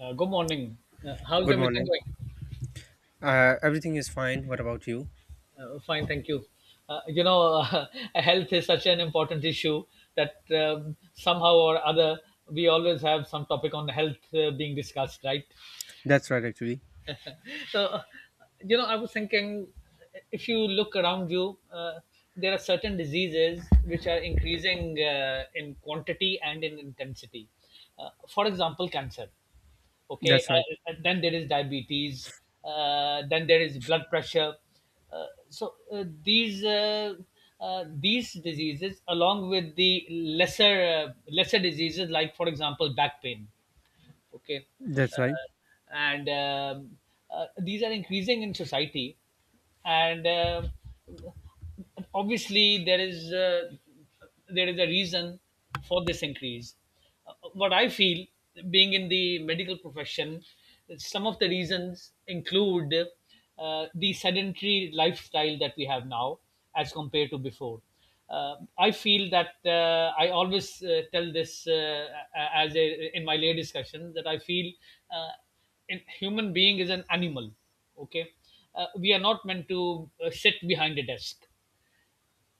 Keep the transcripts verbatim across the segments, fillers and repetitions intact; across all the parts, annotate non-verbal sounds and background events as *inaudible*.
Uh, good morning. Uh, how's Good everything morning. going? Uh, everything is fine. What about you? Uh, fine, thank you. Uh, you know, uh, *laughs* Health is such an important issue that um, somehow or other we always have some topic on health uh, being discussed, right? That's right, actually. so you know i was thinking. If you look around you, uh, there are certain diseases which are increasing uh, in quantity and in intensity. Uh, for example, cancer. Okay. That's right. Uh, and then there is diabetes. Uh, then there is blood pressure. Uh, so uh, these uh, uh, these diseases, along with the lesser, uh, lesser diseases, like, for example, back pain. Okay. That's right. uh, and um, uh, these are increasing in society. And uh, obviously there is uh, there is a reason for this increase. Uh, what i feel, being in the medical profession, some of the reasons include uh, the sedentary lifestyle that we have now as compared to before. uh, I feel that, uh, I always uh, tell this, uh, as a, in my lay discussion, that I feel, uh, in, human being is an animal. Okay. Uh, we are not meant to uh, sit behind a desk,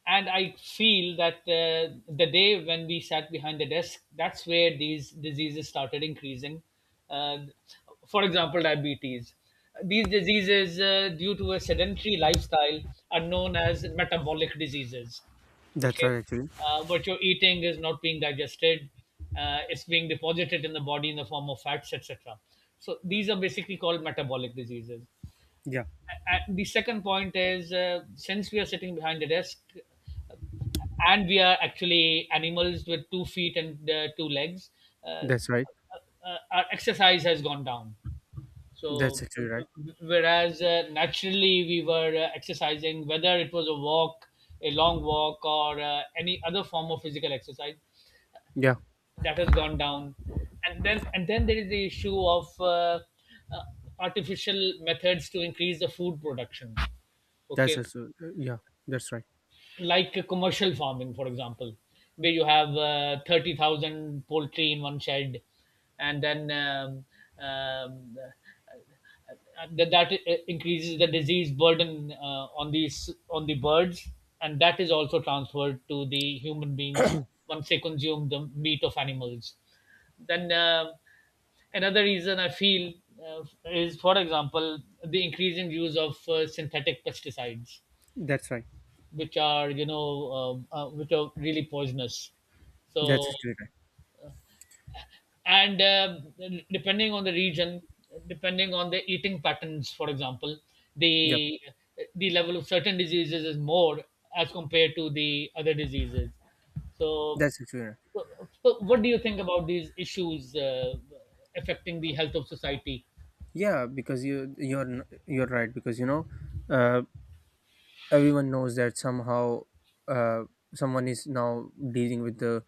and I feel that uh, the day when we sat behind the desk, that's where these diseases started increasing. uh, for example, diabetes. These diseases, uh, due to a sedentary lifestyle, are known as metabolic diseases. That's Okay. right, actually. Uh, what you're eating is not being digested, uh, it's being deposited in the body in the form of fats, etc. So these are basically called metabolic diseases. Yeah, uh, The second point is, uh, since we are sitting behind the desk uh, and we are actually animals with two feet and uh, two legs, uh, uh, that's right. uh, our exercise has gone down. That's So, actually right. whereas uh, naturally we were uh, exercising, whether it was a walk, a long walk, or uh, any other form of physical exercise, Yeah, that has gone down. And then and then there is the issue of uh, uh, artificial methods to increase the food production. that's Okay. actually, yeah, that's right. Like a commercial farming, for example, where you have uh, thirty thousand poultry in one shed, and then um, um, uh, uh, that, that uh, increases the disease burden uh, on these on the birds, and that is also transferred to the human beings once they consume the meat of animals. Then, uh, another reason I feel, uh, is, for example, the increasing use of uh, synthetic pesticides, That's right. which are you know uh, uh, which are really poisonous. That's So, actually right. and uh, depending on the region, depending on the eating patterns, for example, Yeah, the the level of certain diseases is more as compared to the other diseases. so, that's actually right. so so what do you think about these issues uh, affecting the health of society? Yeah, because you you're n- you're right because, you know, uh, everyone knows that somehow, uh, someone is now dealing with the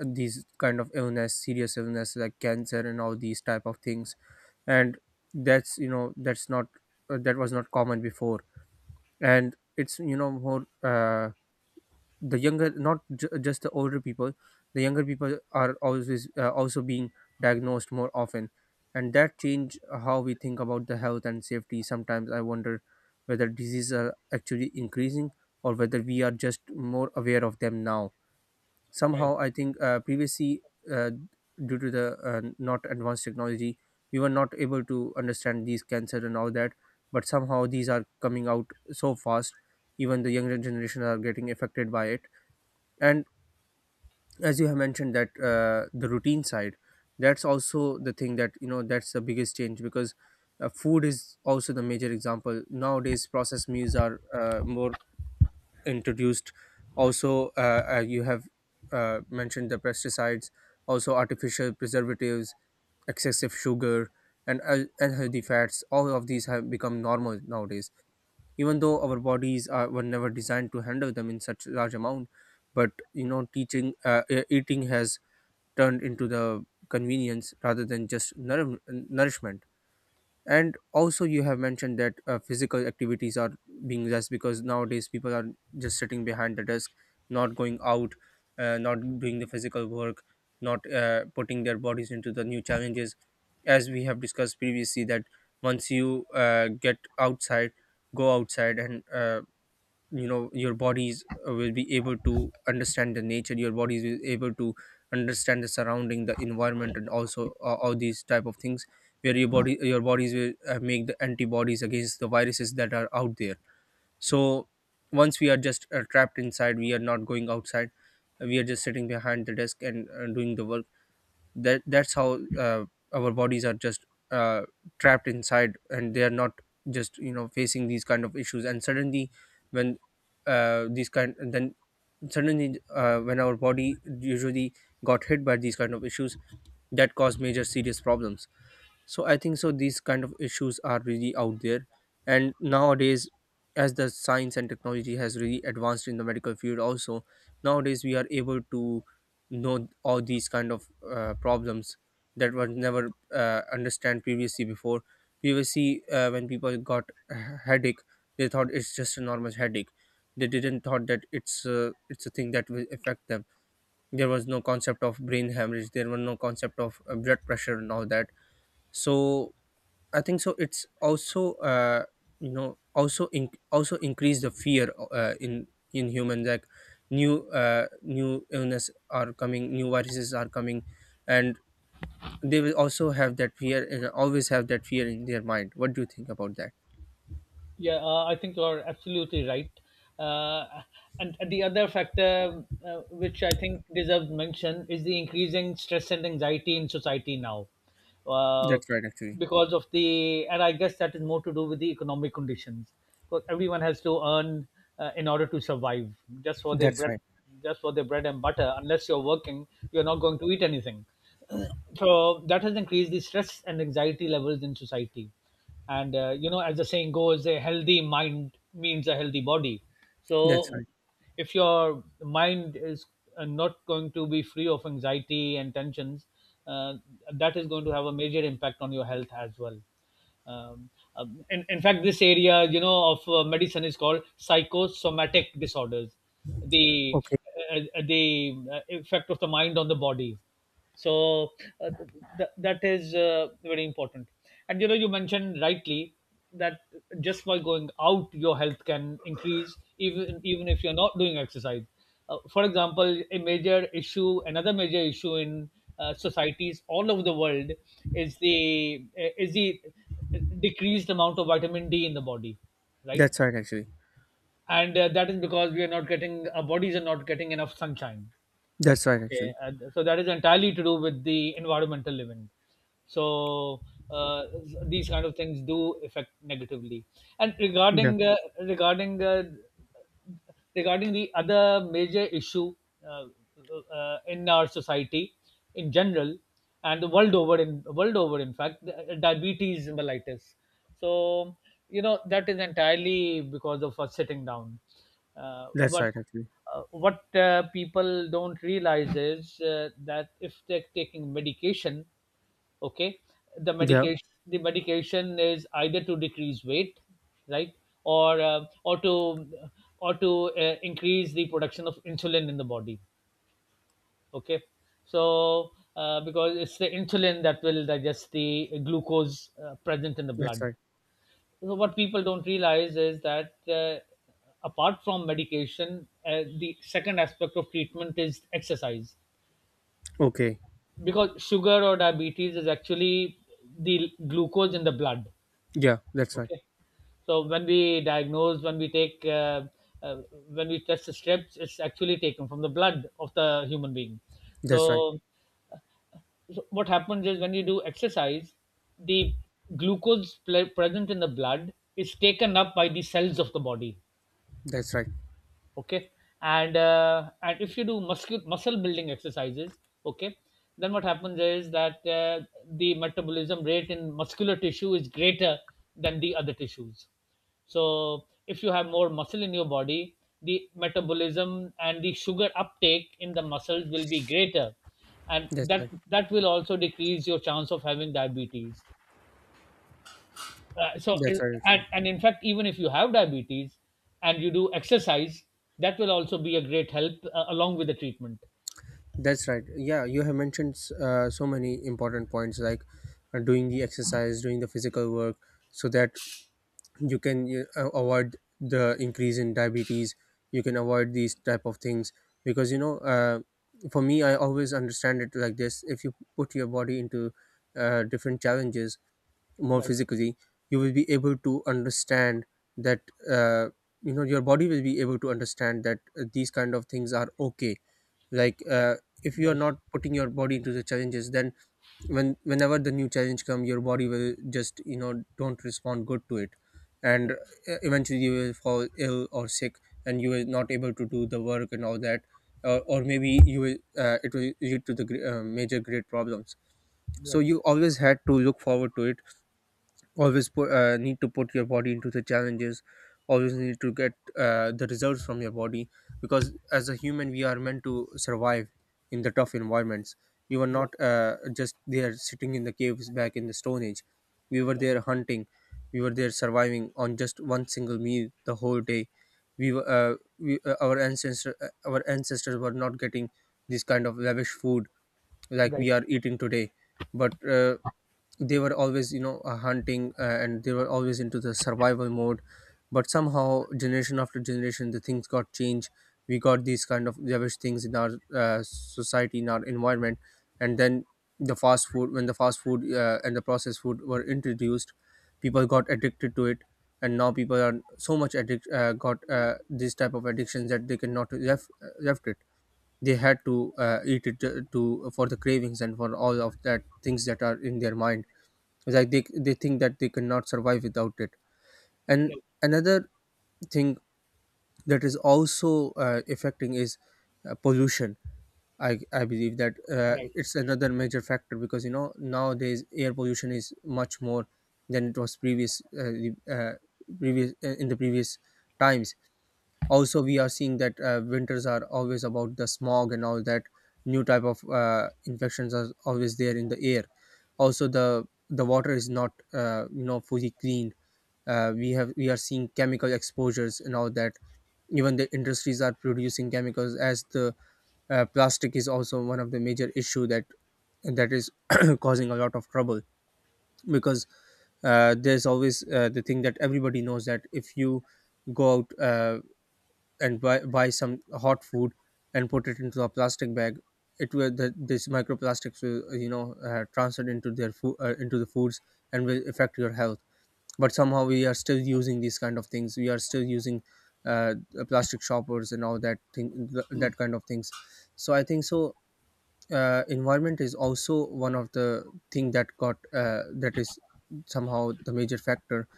these kind of illness, serious illness, like cancer and all these type of things, and that's you know that's not, uh, that was not common before, and it's, you know more, uh, the younger, not ju- just the older people, the younger people are always, uh, also being diagnosed more often, and that change how we think about the health and safety. Sometimes I wonder whether diseases are actually increasing or whether we are just more aware of them now. Right. Somehow I think, uh, previously, uh, due to the, uh, not advanced technology, we were not able to understand these cancer and all that, but somehow these are coming out so fast, even the younger generation are getting affected by it. And as you have mentioned that, uh, the routine side, that's also the thing that, you know, that's the biggest change because, uh, food is also the major example. Nowadays processed meals are, uh, more introduced. Also, uh, uh, you have, uh, mentioned the pesticides, also artificial preservatives, excessive sugar, and, uh, unhealthy fats, all of these have become normal nowadays, even though our bodies are, were never designed to handle them in such large amount. But you know, teaching, uh, e- eating has turned into the convenience rather than just nour- nourishment. And also you have mentioned that, uh, physical activities are being less because nowadays people are just sitting behind the desk, not going out, uh, not doing the physical work, not, uh, putting their bodies into the new challenges. As we have discussed previously, that once you, uh, get outside, go outside, and, uh, you know, your bodies, uh, will be able to understand the nature, your bodies will able to understand the surrounding the environment, and also, uh, all these type of things, where your body your bodies will, uh, make the antibodies against the viruses that are out there. So once we are just, uh, trapped inside, we are not going outside, we are just sitting behind the desk and, uh, doing the work. That that's how, uh, our bodies are just, uh, trapped inside, and they are not just, you know, facing these kind of issues. And suddenly when, uh, these kind then suddenly, uh, when our body usually got hit by these kind of issues, that cause major serious problems. So I think so these kind of issues are really out there. And nowadays, as the science and technology has really advanced in the medical field also, nowadays we are able to know all these kind of, uh, problems that were never, uh, understand previously before. Previously, uh, when people got a headache, they thought it's just a normal headache. They didn't thought that it's, uh, it's a thing that will affect them. There was no concept of brain hemorrhage, there were no concept of, uh, blood pressure and all that. So I think so. It's also, uh, you know, also in, also increase the fear, uh, in in humans, like new uh, new illness are coming, new viruses are coming, and they will also have that fear and always have that fear in their mind. What do you think about that? Yeah, uh, I think you're absolutely right. Uh, and the other factor, uh, which I think deserves mention, is the increasing stress and anxiety in society now, uh, That's right, actually. because of the, and I guess that is more to do with the economic conditions. Because everyone has to earn, uh, in order to survive, just for their That's bread, right. just for their bread and butter. Unless you're working, you're not going to eat anything. *clears throat* So that has increased the stress and anxiety levels in society. And uh, you know as the saying goes, a healthy mind means a healthy body. That's So, right. if your mind is uh, not going to be free of anxiety and tensions, uh, that is going to have a major impact on your health as well. um, um, in, in fact, this area, you know of uh, medicine, is called psychosomatic disorders, the Okay. uh, uh, the uh, effect of the mind on the body. So, uh, th- that is uh, very important. And you know you mentioned rightly that just by going out your health can increase, even even if you're not doing exercise. Uh, for example, a major issue, another major issue in uh, societies all over the world, is the uh, is the uh, decreased amount of vitamin D in the body. Right. That's right, actually. And uh, that is because we are not getting, our bodies are not getting enough sunshine. That's right, Okay, actually. and so that is entirely to do with the environmental living. So, uh, these kind of things do affect negatively. And Yeah. regarding uh, regarding uh, regarding the other major issue, uh, uh, in our society in general, and the world over in world over in fact, the- uh, diabetes mellitus. So you know that is entirely because of us sitting down. uh, That's but right, actually. uh, what uh, people don't realize is, uh, that if they're taking medication, okay, the Yeah. medication, the medication is either to decrease weight, right, or uh, or to or to uh, increase the production of insulin in the body, okay. So, uh, because it's the insulin that will digest the glucose uh, present in the That's blood. right. So, what people don't realize is that, uh, apart from medication, uh, the second aspect of treatment is exercise. Okay. Because sugar, or diabetes, is actually the glucose in the blood. Yeah. That's right. Okay. So when we diagnose when we take uh, uh, when we test the strips, it's actually taken from the blood of the human being. That's right. So, so what happens is, when you do exercise, the glucose ple- present in the blood is taken up by the cells of the body. That's right. Okay. And uh, and if you do muscle muscle building exercises, okay, then what happens is that, uh, the metabolism rate in muscular tissue is greater than the other tissues. So if you have more muscle in your body, the metabolism and the sugar uptake in the muscles will be greater, and That's that right. that will also decrease your chance of having diabetes. Uh, so uh, That's right, actually. and, and in fact, even if you have diabetes and you do exercise, that will also be a great help uh, along with the treatment. That's right. Yeah, you have mentioned, uh, so many important points, like, uh, doing the exercise, doing the physical work, so that you can, uh, avoid the increase in diabetes. You can avoid these type of things because, you know, uh, for me, I always understand it like this: if you put your body into, uh, different challenges, more Right. physically, you will be able to understand that, uh, you know, your body will be able to understand that, uh, these kind of things are okay, like, uh, if you are Right. not putting your body into the challenges, then when whenever the new challenge come, your body will just, you know, don't respond good to it. And, Right. uh, eventually you will fall ill or sick, and you will not able to do the work and all that, uh, or maybe you will, uh, it will lead to the gre- uh, major great problems. So Right. you always had to look forward to it, always put, uh, need to put your body into the challenges, always need to get, uh, the results from your body. Because as a human we are meant to survive in the tough environments. We were Right. not, uh, just there sitting in the caves back in the stone age. We were Right. there hunting, we were there surviving on just one single meal the whole day. We were, uh, we, uh, our ancestor uh, our ancestors were not getting this kind of lavish food like Right. we are eating today. But, uh, they were always, you know, uh, hunting, uh, and they were always into the survival mode. But somehow generation after generation the things got changed. We got these kind of lavish things in our, uh, society, in our environment. And then the fast food when the fast food, uh, and the processed food were introduced, people got addicted to it. And now people are so much addict uh, got uh, this type of addictions that they cannot left uh, left it. They had to, uh, eat it, to, to for the cravings and for all of that things that are in their mind. It's like they they think that they cannot survive without it. And Right. another thing that is also, uh, affecting is, uh, pollution. I, I believe that, uh, Right. it's another major factor, because, you know, nowadays air pollution is much more than it was previous uh, the- uh, previous uh, in the previous times. Also we are seeing that, uh, winters are always about the smog and all that. New type of, uh, infections are always there in the air. Also the the water is not, uh, you know, fully cleaned. uh, we have we are seeing chemical exposures and all that. Even the industries are producing chemicals as the, uh, plastic is also one of the major issue that, that is *coughs* *clears throat* causing a lot of trouble. Because, uh, there's always, uh, the thing that everybody knows that if you go out, uh, and buy buy some hot food and put it into a plastic bag, it will the, this microplastics will, uh, you know, uh, transferred into their food, uh, into the foods, and will affect your health. But somehow we are still using these kind of things, we are still using, uh, uh, plastic shoppers and all that thing, th- that kind of things. So I think so, uh, environment is also one of the thing that got uh, that is somehow the major factor.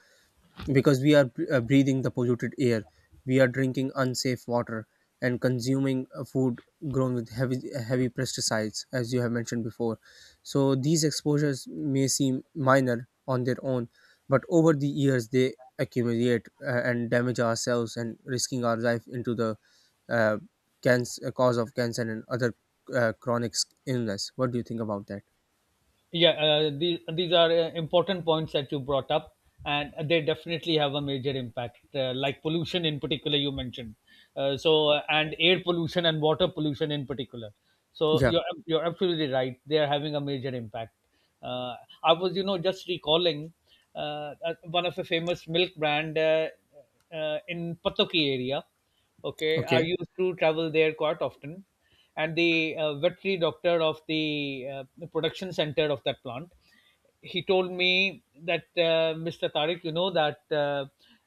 Because we are, uh, breathing the polluted air, we are drinking unsafe water, and consuming, uh, food grown with heavy heavy pesticides, as you have mentioned before. So these exposures may seem minor on their own, but over the years they accumulate, uh, and damage ourselves and risking our life into the, uh, cancer, cause of cancer and other, uh, chronic s- illness. What do you think about that? Yeah, uh, these, these are uh, important points that you brought up, and they definitely have a major impact, uh, like pollution in particular, you mentioned. Uh, so, uh, and air pollution and water pollution in particular. So, Yeah. you're, you're absolutely right. They are having a major impact. Uh, I was, you know, just recalling uh, uh, one of the famous milk brand, uh, uh, in Patoki area. Okay, I Okay. used to travel there quite often, and the uh, veterinary doctor of the, uh, the production center of that plant, he told me that, uh, mr tariq, you know that uh,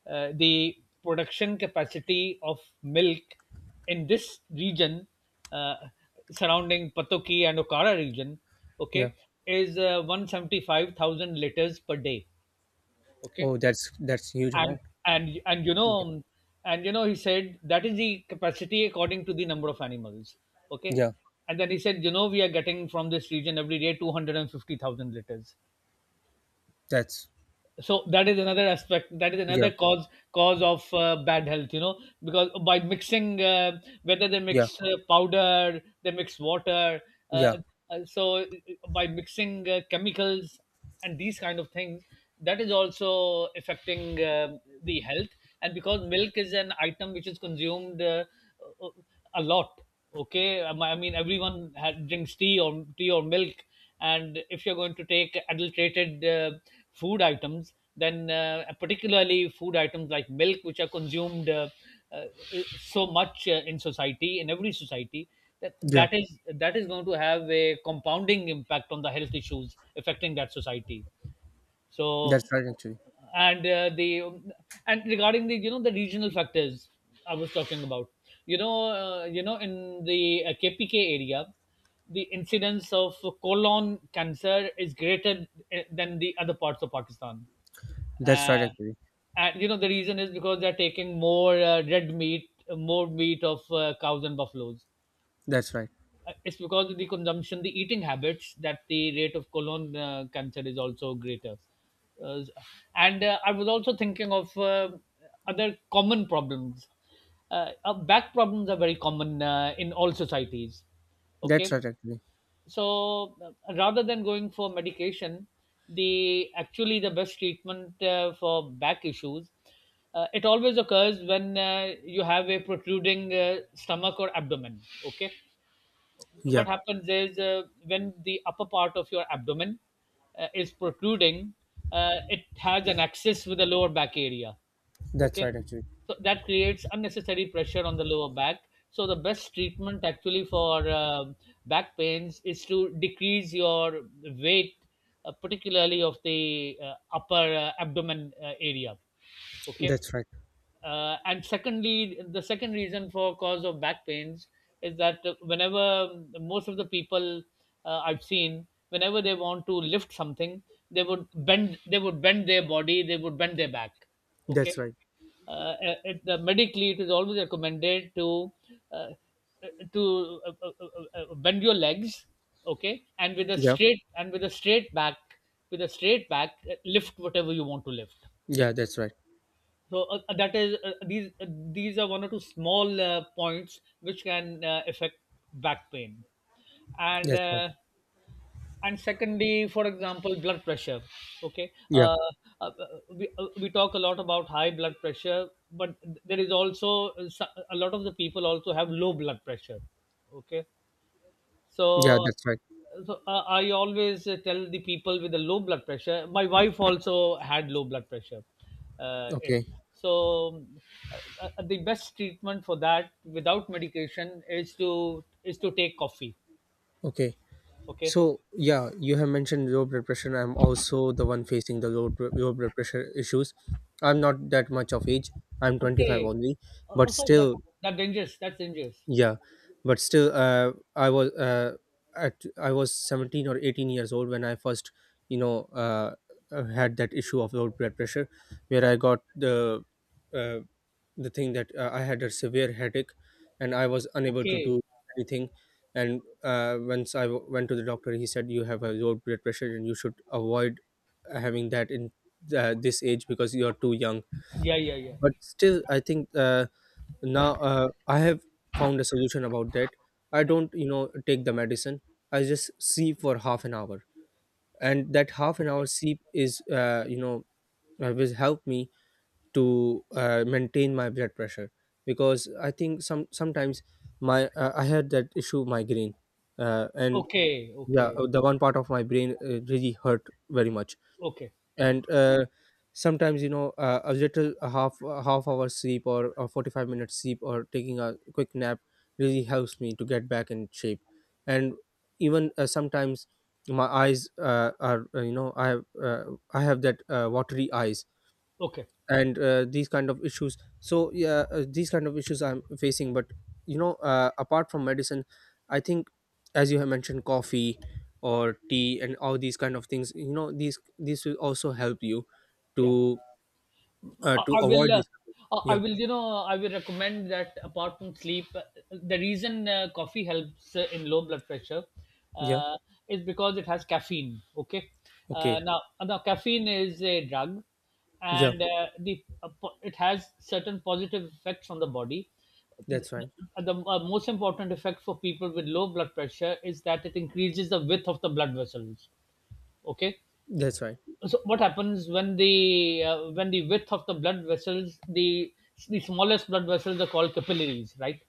uh, the production capacity of milk in this region, uh, surrounding patoki and okara region, Yeah. okay, is uh, one hundred seventy-five thousand liters per day. Okay. Oh, that's that's huge and amount. and and you Yeah. know and you know he said, that is the capacity according to the number of animals, okay. Yeah. And then he said, you know we are getting from this region every day two hundred fifty thousand liters. That's So that is another aspect, that is Yeah, another cause cause of uh, bad health, you know because by mixing, uh, whether they yeah, mix uh, powder, they mix water, yeah. uh, uh, so uh, by mixing uh, chemicals and these kind of things, that is also affecting um the health. And because milk is an item which is consumed uh, uh, a lot, okay. Um, I mean, everyone ha drinks tea, or tea or milk, and if you're going to take adulterated, uh, food items, then, uh, particularly food items like milk, which are consumed uh, uh, so much, uh, in society, in every society, that Yeah. that is that is going to have a compounding impact on the health issues affecting that society, so, That's right, actually. and uh, the and regarding the you know the regional factors I was talking about, you know, uh, you know, in the uh, K P K area, the incidence of colon cancer is greater uh, than the other parts of Pakistan. That's Uh, right, actually. and you know the reason is because they're taking more, uh, red meat, more meat of uh, cows and buffaloes. That's right. Uh, It's because of the consumption, the eating habits, that the rate of colon uh, cancer is also greater. Uh, s- and uh, I was also thinking of uh, other common problems. Uh, uh, back problems are very common uh, in all societies. That's Okay, right, actually. so, uh, rather than going for medication, the actually the best treatment uh, for back issues, uh, it always occurs when uh, you have a protruding uh, stomach or abdomen. Okay, Yeah, what happens is, uh, when the upper part of your abdomen uh, is protruding, uh, it has an axis with the lower back area. that's Okay. right, actually. So that creates unnecessary pressure on the lower back. So the best treatment actually for uh, back pains is to decrease your weight, uh, particularly of the uh, upper uh, abdomen uh, area. Okay. That's right. Uh, and secondly, the second reason for cause of back pains is that whenever most of the people, uh, I've seen, whenever they want to lift something, they would bend they would bend their body, they would bend their back. Okay. That's right. uh, uh, it, the Medically, it is always recommended to uh, to uh, uh, uh, uh, bend your legs. Okay, and with a Yeah, straight and with a straight back, with a straight back uh, lift whatever you want to lift. yeah, that's right. So uh, uh, that is, uh, these uh, these are one or two small uh, points which can uh, affect back pain. and That's right. uh, and secondly, for example, blood pressure. Okay. Yeah, Uh, uh, uh, we, uh, we talk a lot about high blood pressure, but there is also uh, so- a lot of the people also have low blood pressure. Okay. yeah, so, that's right. so uh, I always uh, tell the people with the low blood pressure. My wife also had low blood pressure. Uh, eh, Okay, so, uh, uh, the best treatment for that without medication is to is to take coffee. okay. Okay. So, yeah, you have mentioned low blood pressure. I'm also the one facing the low, br- low blood pressure issues. I'm not that much of age. I'm twenty-five Okay. only, but Also, that still, that dangerous. That's dangerous. yeah but still uh, I was uh, at I was seventeen or eighteen years old when I first you know uh, uh, had that issue of low blood pressure where I got the uh, the thing that uh, I had a severe headache and I was unable to Okay. do anything. And uh, once i w- went to the doctor, he said you have a low blood pressure and you should avoid having that in uh, this age because you are too young. Yeah. Yeah. Yeah. But still I think uh, now uh, I have found a solution about that. I don't you know take the medicine, I just sleep for half an hour, and that half an Okay. hour sleep is uh, you know uh, will help me to uh, maintain my blood pressure. Because I think some sometimes my uh, I had that issue migraine, uh, and Okay. yeah, Okay. uh, the one part of my brain uh, really hurt very much. Okay. And uh, sometimes you know uh, a little a half a half hour sleep or a forty-five minute sleep or taking a quick nap really helps me to get back in shape. And even uh, sometimes my eyes uh, are uh, you know I have uh, I have that uh, watery eyes Okay. and uh, these kind of issues. So yeah, uh, these kind of issues I'm facing. But you know uh, apart from medicine, I think as you have mentioned, coffee or tea and all these kind of things, you know, these these will also help you Yeah. to uh, I to I avoid will, uh, this. I I yeah. will, you know, I will recommend that, apart from sleep, uh, the reason uh, coffee helps uh, in low blood pressure Yeah. uh, is because it has caffeine. Okay. uh, Okay. now now caffeine is a drug, Yeah, and uh, the uh, po- it has certain positive effects on the body. The, that's right. the uh, most important effect for people with low blood pressure is that it increases the width of the blood vessels. Okay, That's right. so what happens when the uh, when the width of the blood vessels, the the smallest blood vessels are called capillaries, right?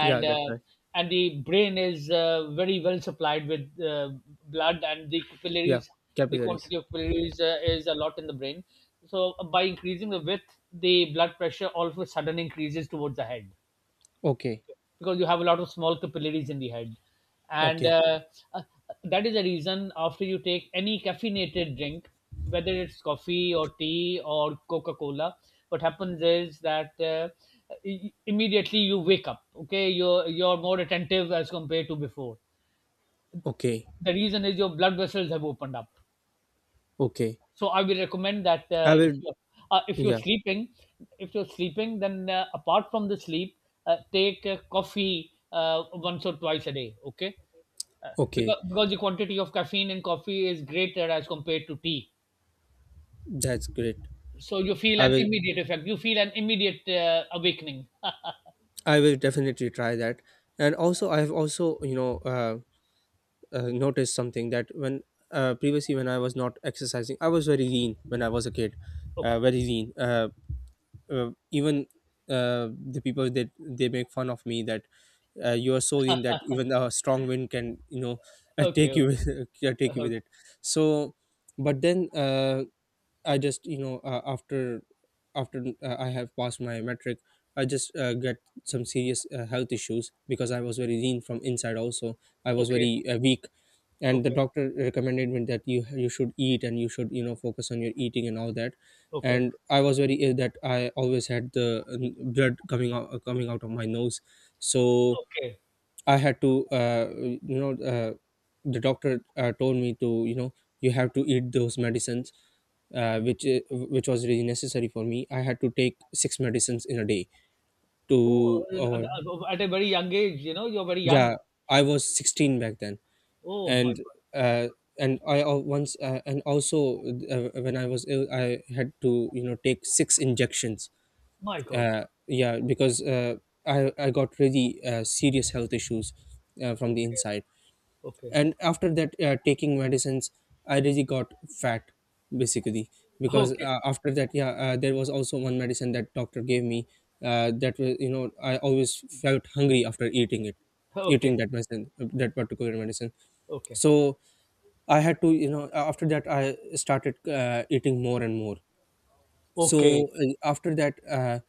Yeah, and that's uh, right. and the brain is uh, very well supplied with uh, blood, and the Yeah, capillaries, the capillaries. quantity of capillaries uh, is a lot in the brain. So by increasing the width, the blood pressure all of a sudden increases towards the head, Okay. because you have a lot of small capillaries in the head, and Okay. uh, uh, that is the reason, after you take any caffeinated drink, whether it's coffee or tea or coca-cola, what happens is that, uh, i- immediately you wake up. Okay, you're you're more attentive as compared to before. Okay. The reason is your blood vessels have opened up. Okay, So I will recommend that, I uh, if will. you uh, if you're Yeah. sleeping if you're sleeping then, uh, apart from the sleep, uh, take uh, coffee uh, once or twice a day. Okay, uh, Okay, because because the quantity of caffeine in coffee is greater as compared to tea. that's great. So you feel i an will immediate effect, you feel an immediate uh, awakening. I will definitely try that. And also, I have also, you know, uh, uh, noticed something that when uh, previously when I was not exercising, I was very lean when I was a kid, uh, Okay. very lean. Uh, uh, even uh, the people that they make fun of me that uh, you are so lean that even a strong wind can, you know, *laughs* uh, Okay. take Okay. you with, *laughs* uh, take you with it. So, but then uh, I just you know uh, after after uh, I have passed my metric, I just uh, get some serious uh, health issues because I was very lean from inside. Also, I was Okay. very uh, weak, and the Okay. doctor recommended me that you you should eat and you should, you know, focus on your ill and all that. Okay. And I was very ill that I always had the um, blood coming out, uh, coming out of my nose. So Okay. I had to, uh, you know uh, the doctor uh, told me to, you know, you have to eat those medicines, uh, which i- which was really necessary for me. I had to take six medicines in a day Oh, to avoid. uh, at a very young age, you know you're very young. Yeah, I was sixteen back then, Oh my and god. uh, and I al- once uh, and also uh, when I was ill, I had to, you know, take six injections. My god. Uh, yeah, because uh, I I got really uh, serious health issues uh, from the Okay. inside. Okay. And after that, uh, taking medicines, I really got fat basically. Because Okay. uh, after that, yeah uh, there was also one medicine that doctor gave me, uh, that was, you know, I always felt hungry after eating it, Okay. eating that medicine, uh, that particular medicine. Okay. So I had to, you know uh, after that I started uh, eating more and more. Okay. So uh, after that, uh,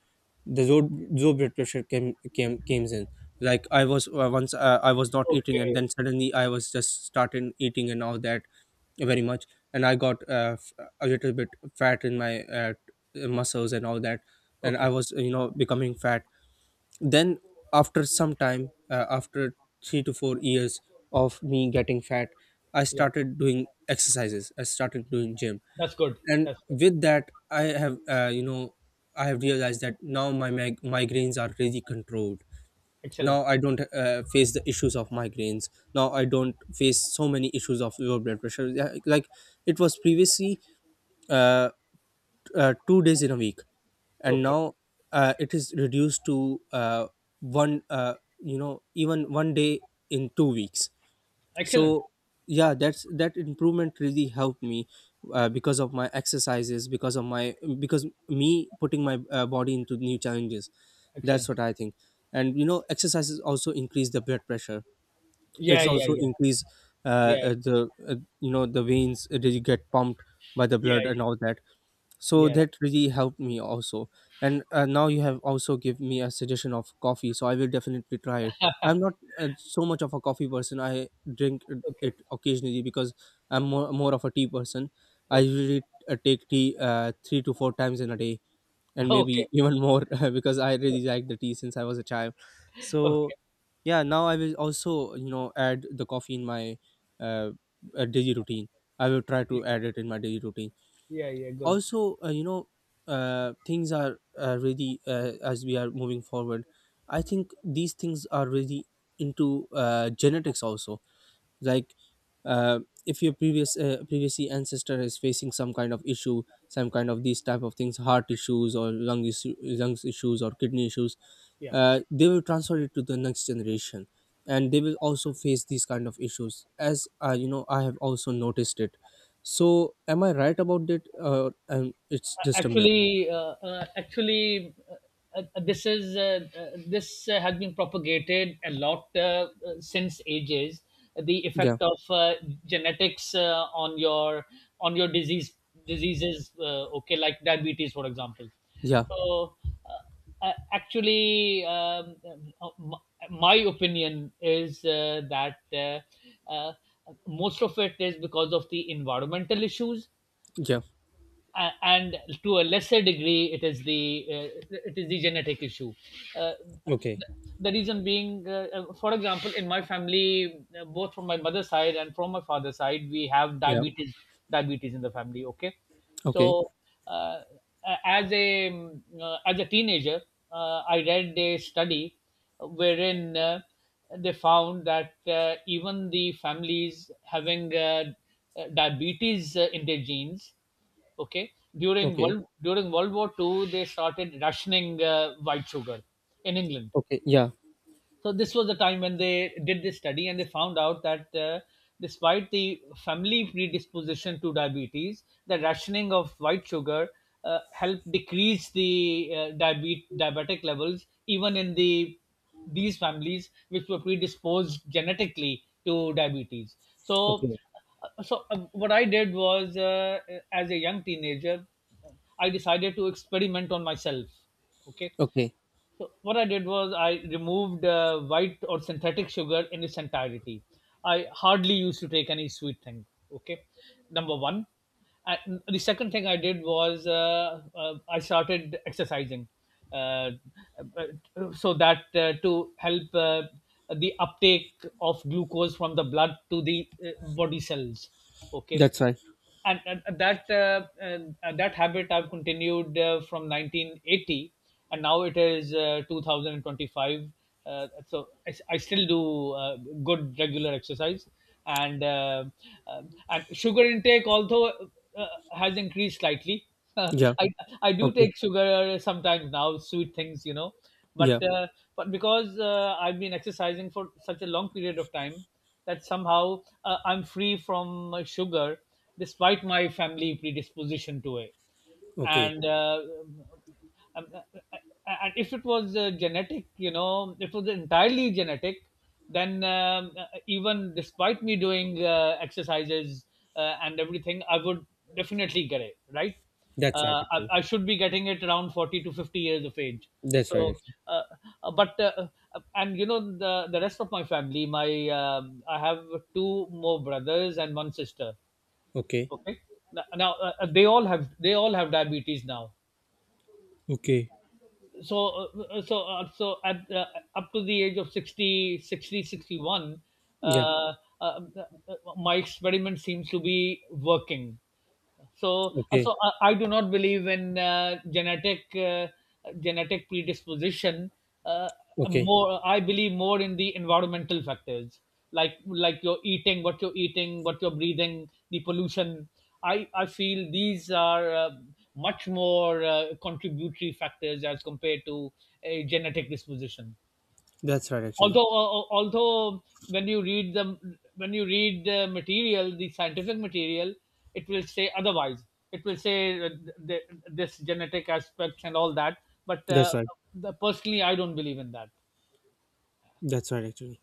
the low, low blood pressure came came came in. Like I was uh, once uh, I was not eating and Okay. then suddenly I was just starting eating and all that very much. And I got uh, f- a little bit fat in my uh, t- muscles and all that, and I Okay. was, you know, becoming fat. Then after some time, uh, after three to four years of me getting fat, I Yeah. started doing exercises, I started doing gym. That's good. And That's good. with that, I have, uh, you know, I have realized that now my mig- migraines are really controlled. Excellent. Now I don't uh, face the issues of migraines, now I don't face so many issues of low blood pressure. Yeah, like it was previously, uh, uh, two days in a week, and Okay. now uh, it is reduced to uh, one, uh, you know, even one day in two weeks. Excellent. So yeah, that's that improvement really helped me, uh, because of my exercises, because of my, because me putting my uh, body into new challenges. That's Excellent. what I think. And you know, exercises also increase the blood pressure. Yeah. It's Yeah. also Yeah. increase uh, Yeah. uh, the uh, you know, the veins uh, that get pumped by the Yeah. blood and all that. So Yeah. that really helped me also. And uh, now you have also give me a suggestion of coffee, so I will definitely try it. I'm not uh, so much of a coffee person, I drink it Okay. it occasionally, because I'm more, more of a tea person. I Okay. usually uh, take tea uh, three to four times in a day, *laughs* and Okay. maybe even more *laughs* because I really like the tea since I was a child. So Okay. yeah, now I will also, you know, add the coffee in my uh, uh, daily routine. I will try to add it in my daily routine. Yeah. Yeah. Good. Also, uh, you know uh, things are uh, really uh, as we are moving forward, I think these things are really into uh, genetics also. Like uh, if your previous uh, previously ancestor is facing some kind of issue, some kind of these type of things, heart issues or lung, issue, lungs issues or kidney issues, Yeah. uh, they will transfer it to the next generation, and they will also face these kind of issues. As uh, you know, I have also noticed it. So am I right about it uh, and it's just a myth? actually uh, uh, actually uh, uh, this is uh, uh, this uh, has been propagated a lot, uh, uh, since ages, the Yeah. effect of uh, genetics uh, on your on your disease diseases, uh, okay, like diabetes, for example. Yeah. So uh, uh, actually, um, uh, m- my opinion is uh, that, uh, uh, most of it is because of the environmental issues, Yeah. a- and to a lesser degree it is the uh, it is the genetic issue. uh, Okay. the, the reason being, uh, uh, for example, in my family, uh, both from my mother's side and from my father's side, we have Yeah. diabetes. Diabetes in the family. Okay. Okay. So uh, as a um, uh, as a teenager, uh, I read a study wherein, uh, they found that, uh, even the families having, uh, diabetes, uh, in their genes, okay, during Okay. world during World War Two, they started rationing uh, white sugar in England. Okay. Yeah. So this was the time when they did this study, and they found out that, uh, despite the family predisposition to diabetes, the rationing of white sugar uh, helped decrease the uh, diabe- diabetic levels, even in the these families, which were predisposed genetically to diabetes. So Okay. uh, so uh, what I did was, uh, as a young teenager, I decided to experiment on myself. Okay, Okay. so what I did was I removed uh, white or synthetic sugar in its entirety. I hardly used to take any sweet thing. Okay, number one. And the second thing I did was, uh, uh, I started exercising, uh, uh, so that, uh, to help uh, the uptake of glucose from the blood to the uh, body cells. Okay, That's right. and, and that uh, uh, that habit I've continued uh, from nineteen eighty, and now it is uh, two thousand twenty-five. Uh, so I, I still do uh, good regular exercise, and uh, uh, and sugar intake, although, uh, has increased slightly. *laughs* Yeah. I I do Okay. take sugar sometimes now, sweet things, you know, Yeah. but uh, but because uh, I've been exercising for such a long period of time, that somehow uh, I'm free from uh, sugar despite my family predisposition to it. Okay. And uh, um, uh, uh, and if it was uh, genetic, you know, if it was entirely genetic, then, um, uh, even despite me doing uh, exercises uh, and everything, I would definitely get it, right? That's right, Uh, I, actually. I should be getting it around forty to fifty years of age. That's right, So, actually. uh, uh, but, uh, uh, and you know, the, the rest of my family, my, um I have two more brothers and one sister. Okay. Okay. Now, now uh, uh, they all have they all have diabetes now. Okay. So uh, so uh, so at uh, up to the age of sixty, sixty, sixty one, Yeah. uh, uh, uh, my experiment seems to be working. so uh, Okay. so I, I do not believe in uh, genetic uh, genetic predisposition. uh, Okay. More I believe more in the environmental factors, like like your eating, what you're eating, what you're breathing, the pollution. I i feel these are uh, much more uh, contributory factors as compared to a genetic disposition. That's right, actually. Although uh, uh, although when you read the when you read the material, the scientific material, it will say otherwise. It will say, uh, th- this genetic aspects and all that, but That's uh, right. the, personally I don't believe in that. That's right, actually.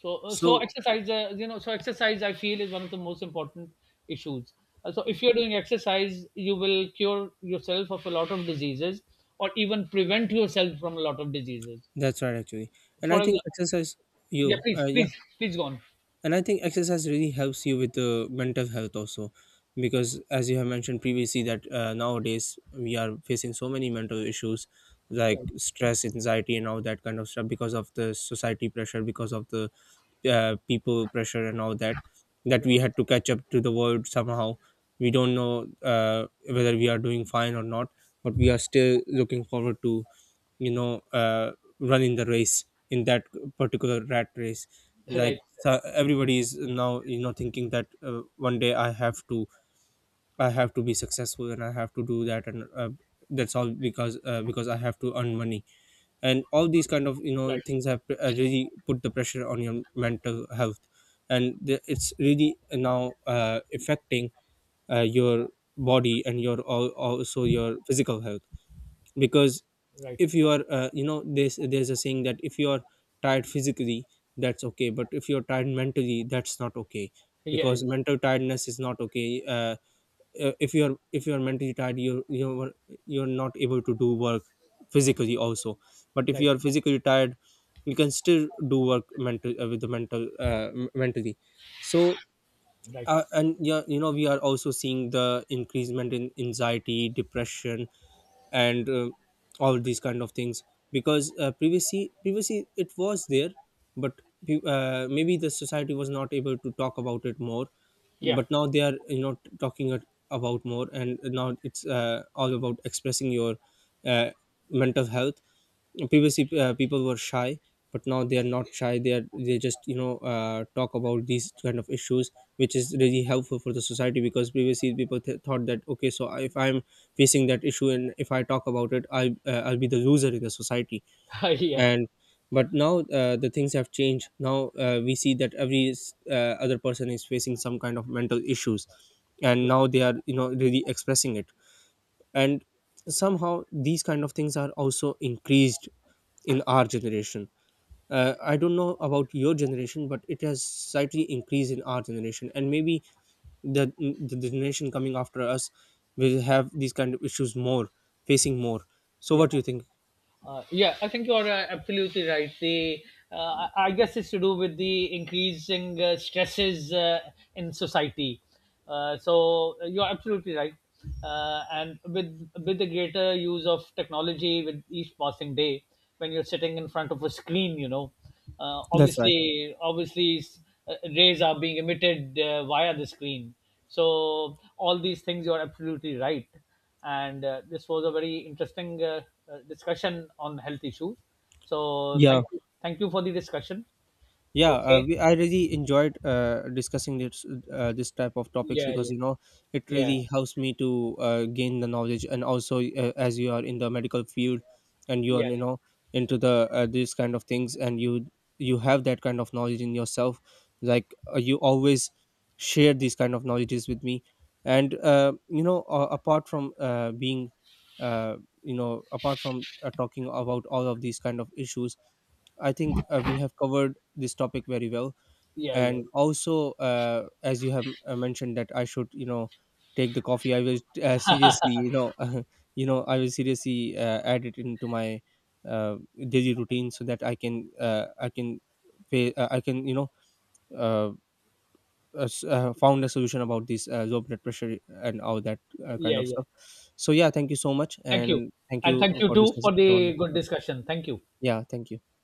so uh, so so exercise uh, you know so exercise, I feel, is one of the most important issues. Uh, so if you're doing exercise, you will cure yourself of a lot of diseases, or even prevent yourself from a lot of diseases, That's right, actually. And I for think example. exercise, Yeah, you, please, uh, yeah, please, please, go on. and I think exercise really helps you with the mental health also. Because as you have mentioned previously that uh, nowadays we are facing so many mental issues like Right. stress, anxiety and all that kind of stuff, because of the society pressure, because of the uh, people pressure and all that, that Right. we had to catch up to the world somehow. We don't know uh, whether we are doing fine or not, but we are still looking forward to, you know uh, running the race in that particular rat race. *laughs* Like, Right. so everybody is now, you know, thinking that uh, one day I have to, I have to be successful and I have to do that. And uh, that's all because, uh, because I have to earn money. And all these kind of, you know, Right. things have uh, really put the pressure on your mental health. And the, it's really now uh, affecting uh, your body and your al- also your physical health. Because Right. if you are, uh, you know, there's there's a saying that if you are tired physically, that's okay, but if you're tired mentally, that's not okay. Yeah. Yeah. Because mental tiredness is not okay. Uh, uh, if you're, if you're mentally tired, you're you're you're not able to do work physically also. But if Right. you are physically tired, you can still do work mental uh, with the mental, uh, m- mentally. So Right. uh, and yeah, you know, we are also seeing the increasement in anxiety, depression and uh, all these kind of things. Because uh, previously previously it was there, but pe- uh, maybe the society was not able to talk about it more, Yeah. but now they are, you know, t- talking it about more. And now it's uh, all about expressing your uh, mental health. Previously uh, people were shy, but now they are not shy, they are they just, you know, uh, talk about these kind of issues, which is really helpful for the society. Because previously people th- thought that okay, so if I'm facing that issue and if I talk about it, i uh, I'll be the loser in the society. *laughs* Yeah. And but now uh, the things have changed. Now uh, we see that every s- uh, other person is facing some kind of mental issues, and Yeah. now they are, you know, really expressing it. And somehow these kind of things are also increased in our generation. uh, I don't know about your generation, but it has slightly increased in our generation, and maybe the the generation coming after us will have these kind of issues more, facing more. So Yeah. what do you think? Uh, yeah, I think you're uh, absolutely right. The uh, I I guess it's to do with the increasing uh, stresses uh, in society. Uh, so uh, you're absolutely right. Uh, and with with the greater use of technology with each passing day, when you're sitting in front of a screen, you know, uh, That's right. obviously obviously, s- uh, rays are being emitted uh, via the screen. So all these things, you're absolutely right, and uh, this was a very interesting uh, uh, discussion on health issues. So Yeah. thank you, thank you for the discussion. Yeah, uh, Okay. we, I really enjoyed uh, discussing this uh, this type of topics, Yeah, because yeah, you know, it yeah, really helps me to uh, gain the knowledge. And also uh, as you are in the medical field and you are, yeah, you know, into the uh, these kind of things, and you you have that kind of knowledge in yourself. Like uh, you always share these kind of knowledges with me. And uh, you know uh, apart from uh, being uh, you know, apart from uh, talking about all of these kind of issues, I think uh, we have covered this topic very well. yeah, yeah, And also uh, as you have uh, mentioned that I should, you know, take the coffee. I will uh, seriously, you know, *laughs* you know, I will seriously uh, add it into my uh, daily routine, so that I can, uh, I can pay, uh, I can, you know, uh, uh, s- uh, found a solution about this uh, low blood pressure and all that uh, kind yeah, of yeah. stuff. So yeah, thank you so much, Thank you, and thank and you thank you for too for discussing such a the wonderful good topic. discussion. Thank you. Yeah, thank you.